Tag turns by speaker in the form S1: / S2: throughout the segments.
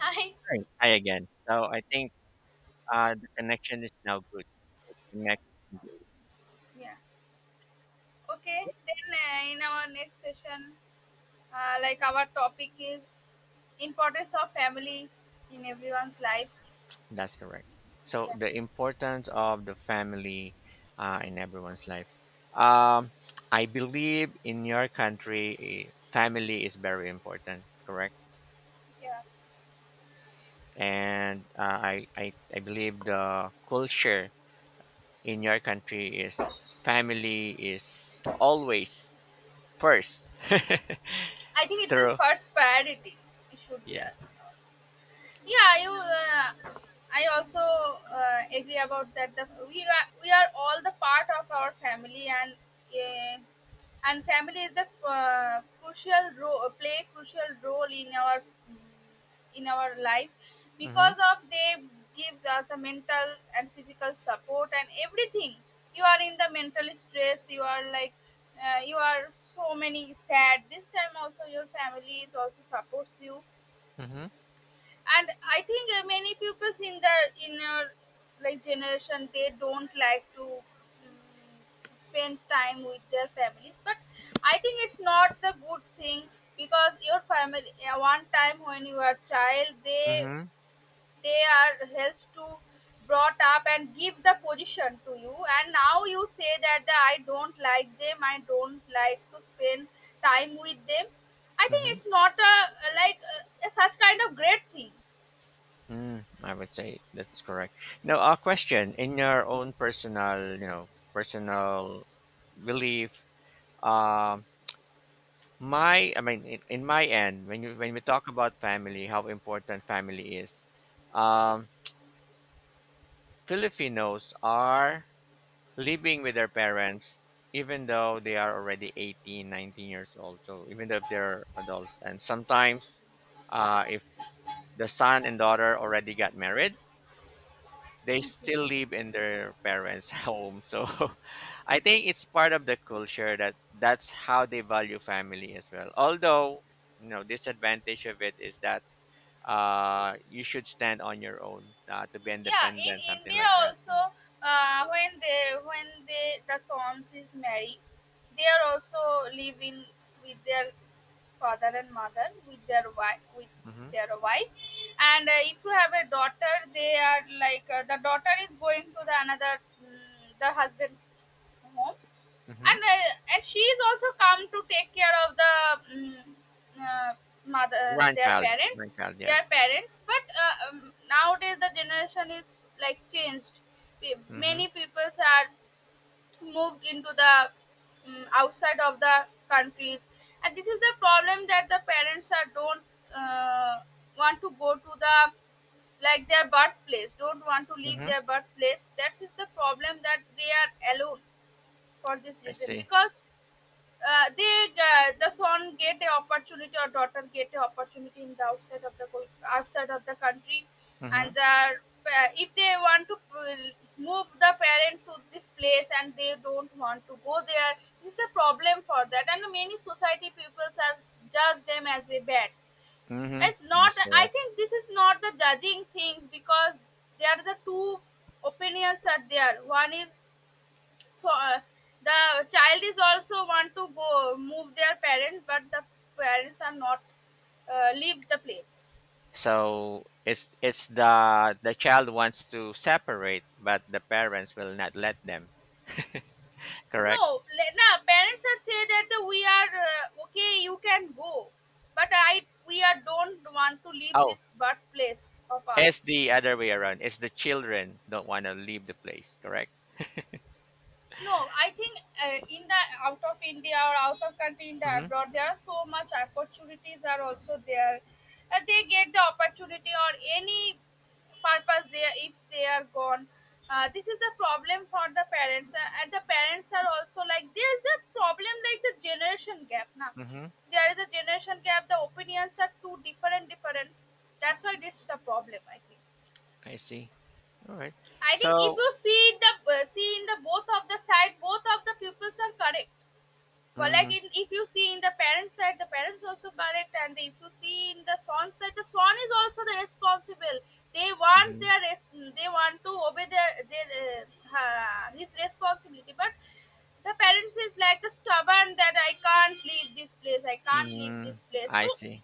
S1: Hi.
S2: Right. Hi again. So I think the connection is now good. Connect. Immediately.
S1: Yeah. Okay. Then in our next session, like our topic is importance of family in everyone's life.
S2: That's correct. So
S1: Yeah.
S2: the importance of the family in everyone's life. Um, I believe in your country, family is very important. Correct.
S1: Yeah.
S2: And I believe the culture in your country is family is always first.
S1: I think it's the
S2: True.
S1: first priority. It should be us.
S2: Yes.
S1: Yeah, you I also agree about that we are all the part of our family, and uh, and family is the crucial role play crucial role in our life,
S2: Mm-hmm.
S1: because of they gives us the mental and physical support and everything. You are in the mental stress, you are like you are so many sad. This time also your family is also supports you.
S2: Mm-hmm.
S1: And I think many pupils in inner, like, generation, they don't like to spend time with their families. But I think it's not the good thing, because your family, one time when you are child, they
S2: Mm-hmm.
S1: they are helps to brought up and give the position to you, and now you say that I don't like them, I don't like to spend time with them. I think
S2: Mm-hmm.
S1: it's not a, like a such kind of great thing.
S2: Mm, I would say that's correct. Now, a question in your own personal, personal belief. Um, I mean, in my end, when you when we talk about family, how important family is. Um, Filipinos are living with their parents even though they are already 18, 19 years old. So even though if they're adult, and sometimes, if the son and daughter already got married, they still live in their parents' home. So I think it's part of the culture that's how they value family as well. Although, you know, disadvantage of it is that you should stand on your own to be
S1: Yeah, in
S2: independent, something
S1: India
S2: like that.
S1: also,
S2: Mm.
S1: when they the sons is married, they are also living with their father and mother, with their wife
S2: Mm-hmm.
S1: their wife and if you have a daughter, they are like, the daughter is going to the another, the husband home.
S2: Mm-hmm.
S1: And And she is also come to take care of the uh, mother,
S2: Grandchild, grandchild, yes.
S1: their parents. But nowadays the generation is like changed. Pe-
S2: Mm-hmm.
S1: Many peoples are moved into the outside of the countries, and this is the problem that the parents are don't uh, want to go to the, like, their birthplace, don't want to leave
S2: Mm-hmm.
S1: their birthplace. That is the problem, that they are alone for this
S2: I
S1: reason,
S2: see.
S1: because they the son get a opportunity or daughter get a opportunity in the outside of the country. And
S2: Mm-hmm.
S1: if they want to move the parent to this place and they don't want to go there, this is a problem for that. And many society peoples are judge them as a bad.
S2: Mm-hmm.
S1: It's not,
S2: That's
S1: I
S2: correct.
S1: think this is not the judging things, because there are the two opinions are there. One is, so the child is also want to go move their parents, but the parents are not leave the place.
S2: So it's the child wants to separate, but the parents will not let them.
S1: No,
S2: Correct.
S1: na parents are say that we are, okay, you can go, but I we are don't want to leave
S2: Oh,
S1: this birthplace of us.
S2: it's the other way around. It's the children don't want to leave the place, correct?
S1: No, I think in the out of India or out of country in the
S2: Mm-hmm.
S1: abroad, there are so much opportunities are also there. They get the opportunity or any purpose there if they are gone. This is the problem for the parents, and the parents are also like there is the problem like the generation gap now.
S2: Mm-hmm.
S1: There is a generation gap. The opinions are too different, different. That's why this is a problem. I think.
S2: I see. All right.
S1: I think if
S2: So,
S1: you see the, see in the both of the side, both of the pupils are correct. But like
S2: mm-hmm,
S1: if you see in the parent side, the parents also correct, and if you see in the son side, the son is also the responsible. They want
S2: mm-hmm,
S1: their res- they want to obey their uh, his responsibility, but the parents is like the stubborn that I can't leave this place, I can't leave
S2: mm-hmm.
S1: this place. So
S2: I see.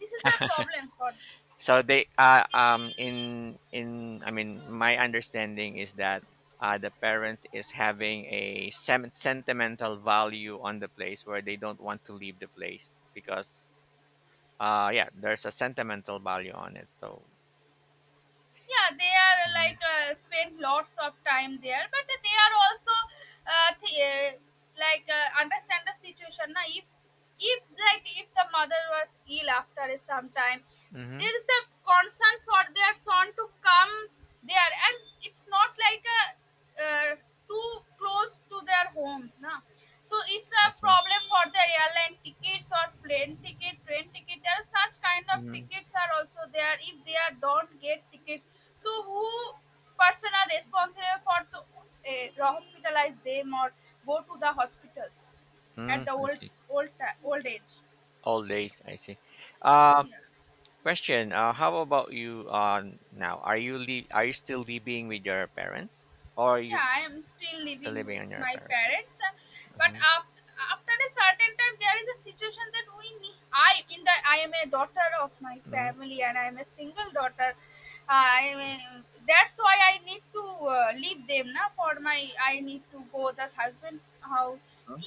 S1: this is the problem for
S2: So they
S1: this.
S2: in I mean my understanding is that the parent is having a sentimental value on the place where they don't want to leave the place because yeah, there's a sentimental value on it. So
S1: Yeah, they are
S2: mm-hmm.
S1: like, spend lots of time there, but they are also uh, th- uh, like, understand the situation. Now, if, like, if the mother was ill after some time,
S2: Mm-hmm.
S1: there is a concern for their son to come there. And it's not like a, uh, too close to their homes na. So it's a
S2: I see.
S1: problem for the airline tickets or plane ticket, train ticket. There are such kind of
S2: Mm-hmm.
S1: tickets are also there. If they are don't get tickets, so who person are responsible for to hospitalize them or go to the hospitals
S2: Mm,
S1: at the
S2: I see.
S1: old age?
S2: All days, I see. Um,
S1: Yeah.
S2: question: how about you now? Are you are you still living with your parents, or are
S1: Yeah,
S2: you
S1: I am still
S2: still
S1: living
S2: living
S1: with
S2: on your
S1: my
S2: parents?
S1: parents. But
S2: Hmm.
S1: after a certain time, there is a situation that we need. I in the I am a daughter of my
S2: Hmm.
S1: family, and I am a single daughter. I am that's why I need to leave them now. For my I need to go the husband house.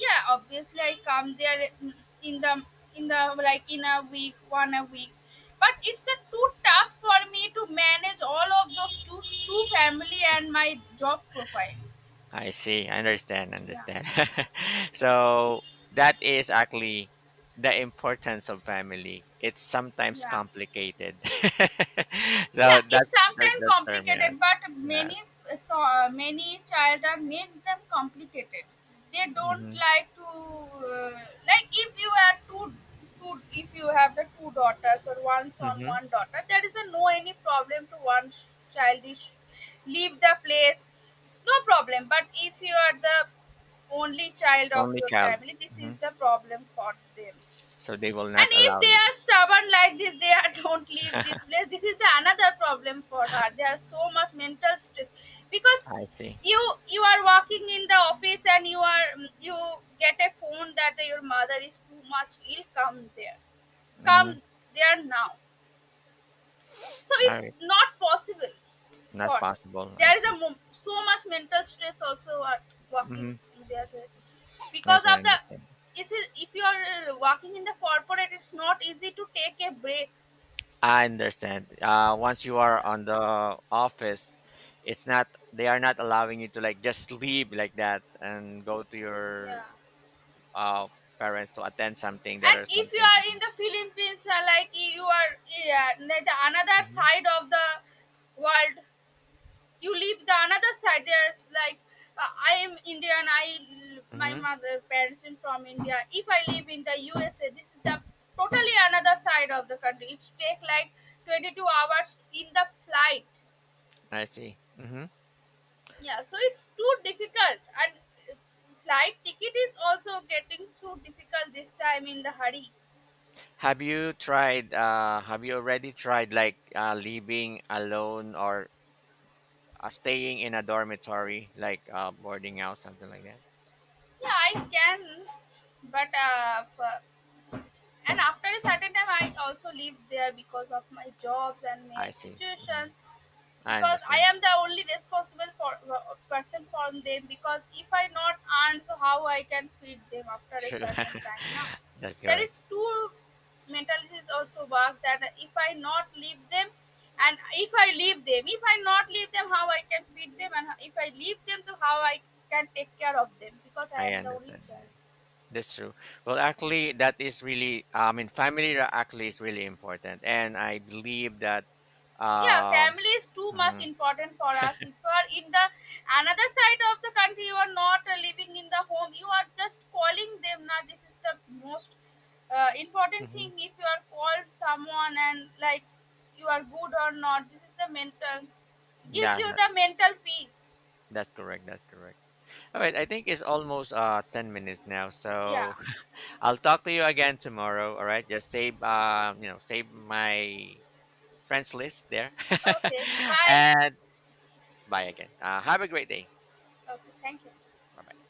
S1: Yeah, obviously I come there, in the in the like in a week, one a week. But it's a too tough for me to manage all of those two family and my job profile.
S2: I see. I understand.
S1: Yeah.
S2: Understand. So that is actually the importance of family. It's sometimes
S1: Yeah.
S2: complicated. So
S1: Yeah, it's sometimes
S2: that term,
S1: complicated,
S2: yes,
S1: but many.
S2: yes.
S1: So many child makes them complicated. They don't
S2: Hmm.
S1: like to like, if you are two if you have the two daughters or one son
S2: Hmm.
S1: one daughter, there is a no any problem to one child is leave the place. No problem. But if you are the only child of
S2: Only
S1: your
S2: child.
S1: family, this
S2: Hmm.
S1: is the problem for them.
S2: So they will
S1: And
S2: not
S1: if
S2: allow
S1: they
S2: you.
S1: are stubborn like this, they are don't leave this place. This is the another problem for her. There are so much mental stress because
S2: I see.
S1: you you are working in the office, and you get a phone that your mother is too much ill. Come there,
S2: Mm-hmm.
S1: come there now. So
S2: All
S1: it's
S2: right,
S1: not possible
S2: that's
S1: for.
S2: possible. I
S1: There is a
S2: see.
S1: so much mental stress also are working
S2: Mm-hmm.
S1: in there. Because
S2: Yes, I
S1: of the,
S2: understand.
S1: if you are working in the corporate, it's not easy to take a break.
S2: I understand. Once you are
S1: Yeah.
S2: on the office, it's not, they are not allowing you to like just leave like that and go to
S1: Yeah.
S2: your uh parents to attend something that
S1: And
S2: or
S1: if you
S2: something.
S1: are in the Philippines, like, you are, yeah, the another
S2: Mm-hmm.
S1: side of the world. You leave the another side. There's like I am Indian. My
S2: Mm-hmm.
S1: mother parents in from India. If I live in the USA, this is the totally another side of the country. It's take like 22 hours in the flight.
S2: I see. Mm-hmm.
S1: Yeah, so it's too difficult. And uh, flight ticket is also getting so difficult this time in the hurry.
S2: Have you tried? Have you already tried like living alone or staying in a dormitory, like boarding house, something like that?
S1: Yeah, I can, but and after a certain time, I also live there because of my jobs and my
S2: I see.
S1: situation.
S2: Mhm. I
S1: Because I
S2: understand.
S1: am the only responsible for person for them, because if I not earn, so how I can feed them after a
S2: True.
S1: certain time now.
S2: That's
S1: There is
S2: correct.
S1: two mentalities also work, that if I not leave them, and if I leave them, if I not leave them, how I can feed them, and if I leave them, so how I can take care of them, because I
S2: I
S1: am the only
S2: understand. Yeah.
S1: child.
S2: That's true. Well, actually, that is really, I mean, actually is really important. And I believe that,
S1: Yeah,
S2: uh,
S1: family is too much
S2: mhm,
S1: important for us. If you are in the another side of the country, you are not living in the home, you are just calling them now. This is the most important thing.
S2: mhm.
S1: If you are called someone, and like, you are good or not, this is the mental. Gives
S2: Yeah,
S1: you the mental peace.
S2: that's correct. That's correct. All right. I think it's almost 10 minutes now.
S1: Yeah.
S2: So I'll talk to you again tomorrow. All right. Just save, save my friends list there.
S1: Okay, bye.
S2: And bye again. Have a great day.
S1: Okay, thank you.
S2: Bye bye.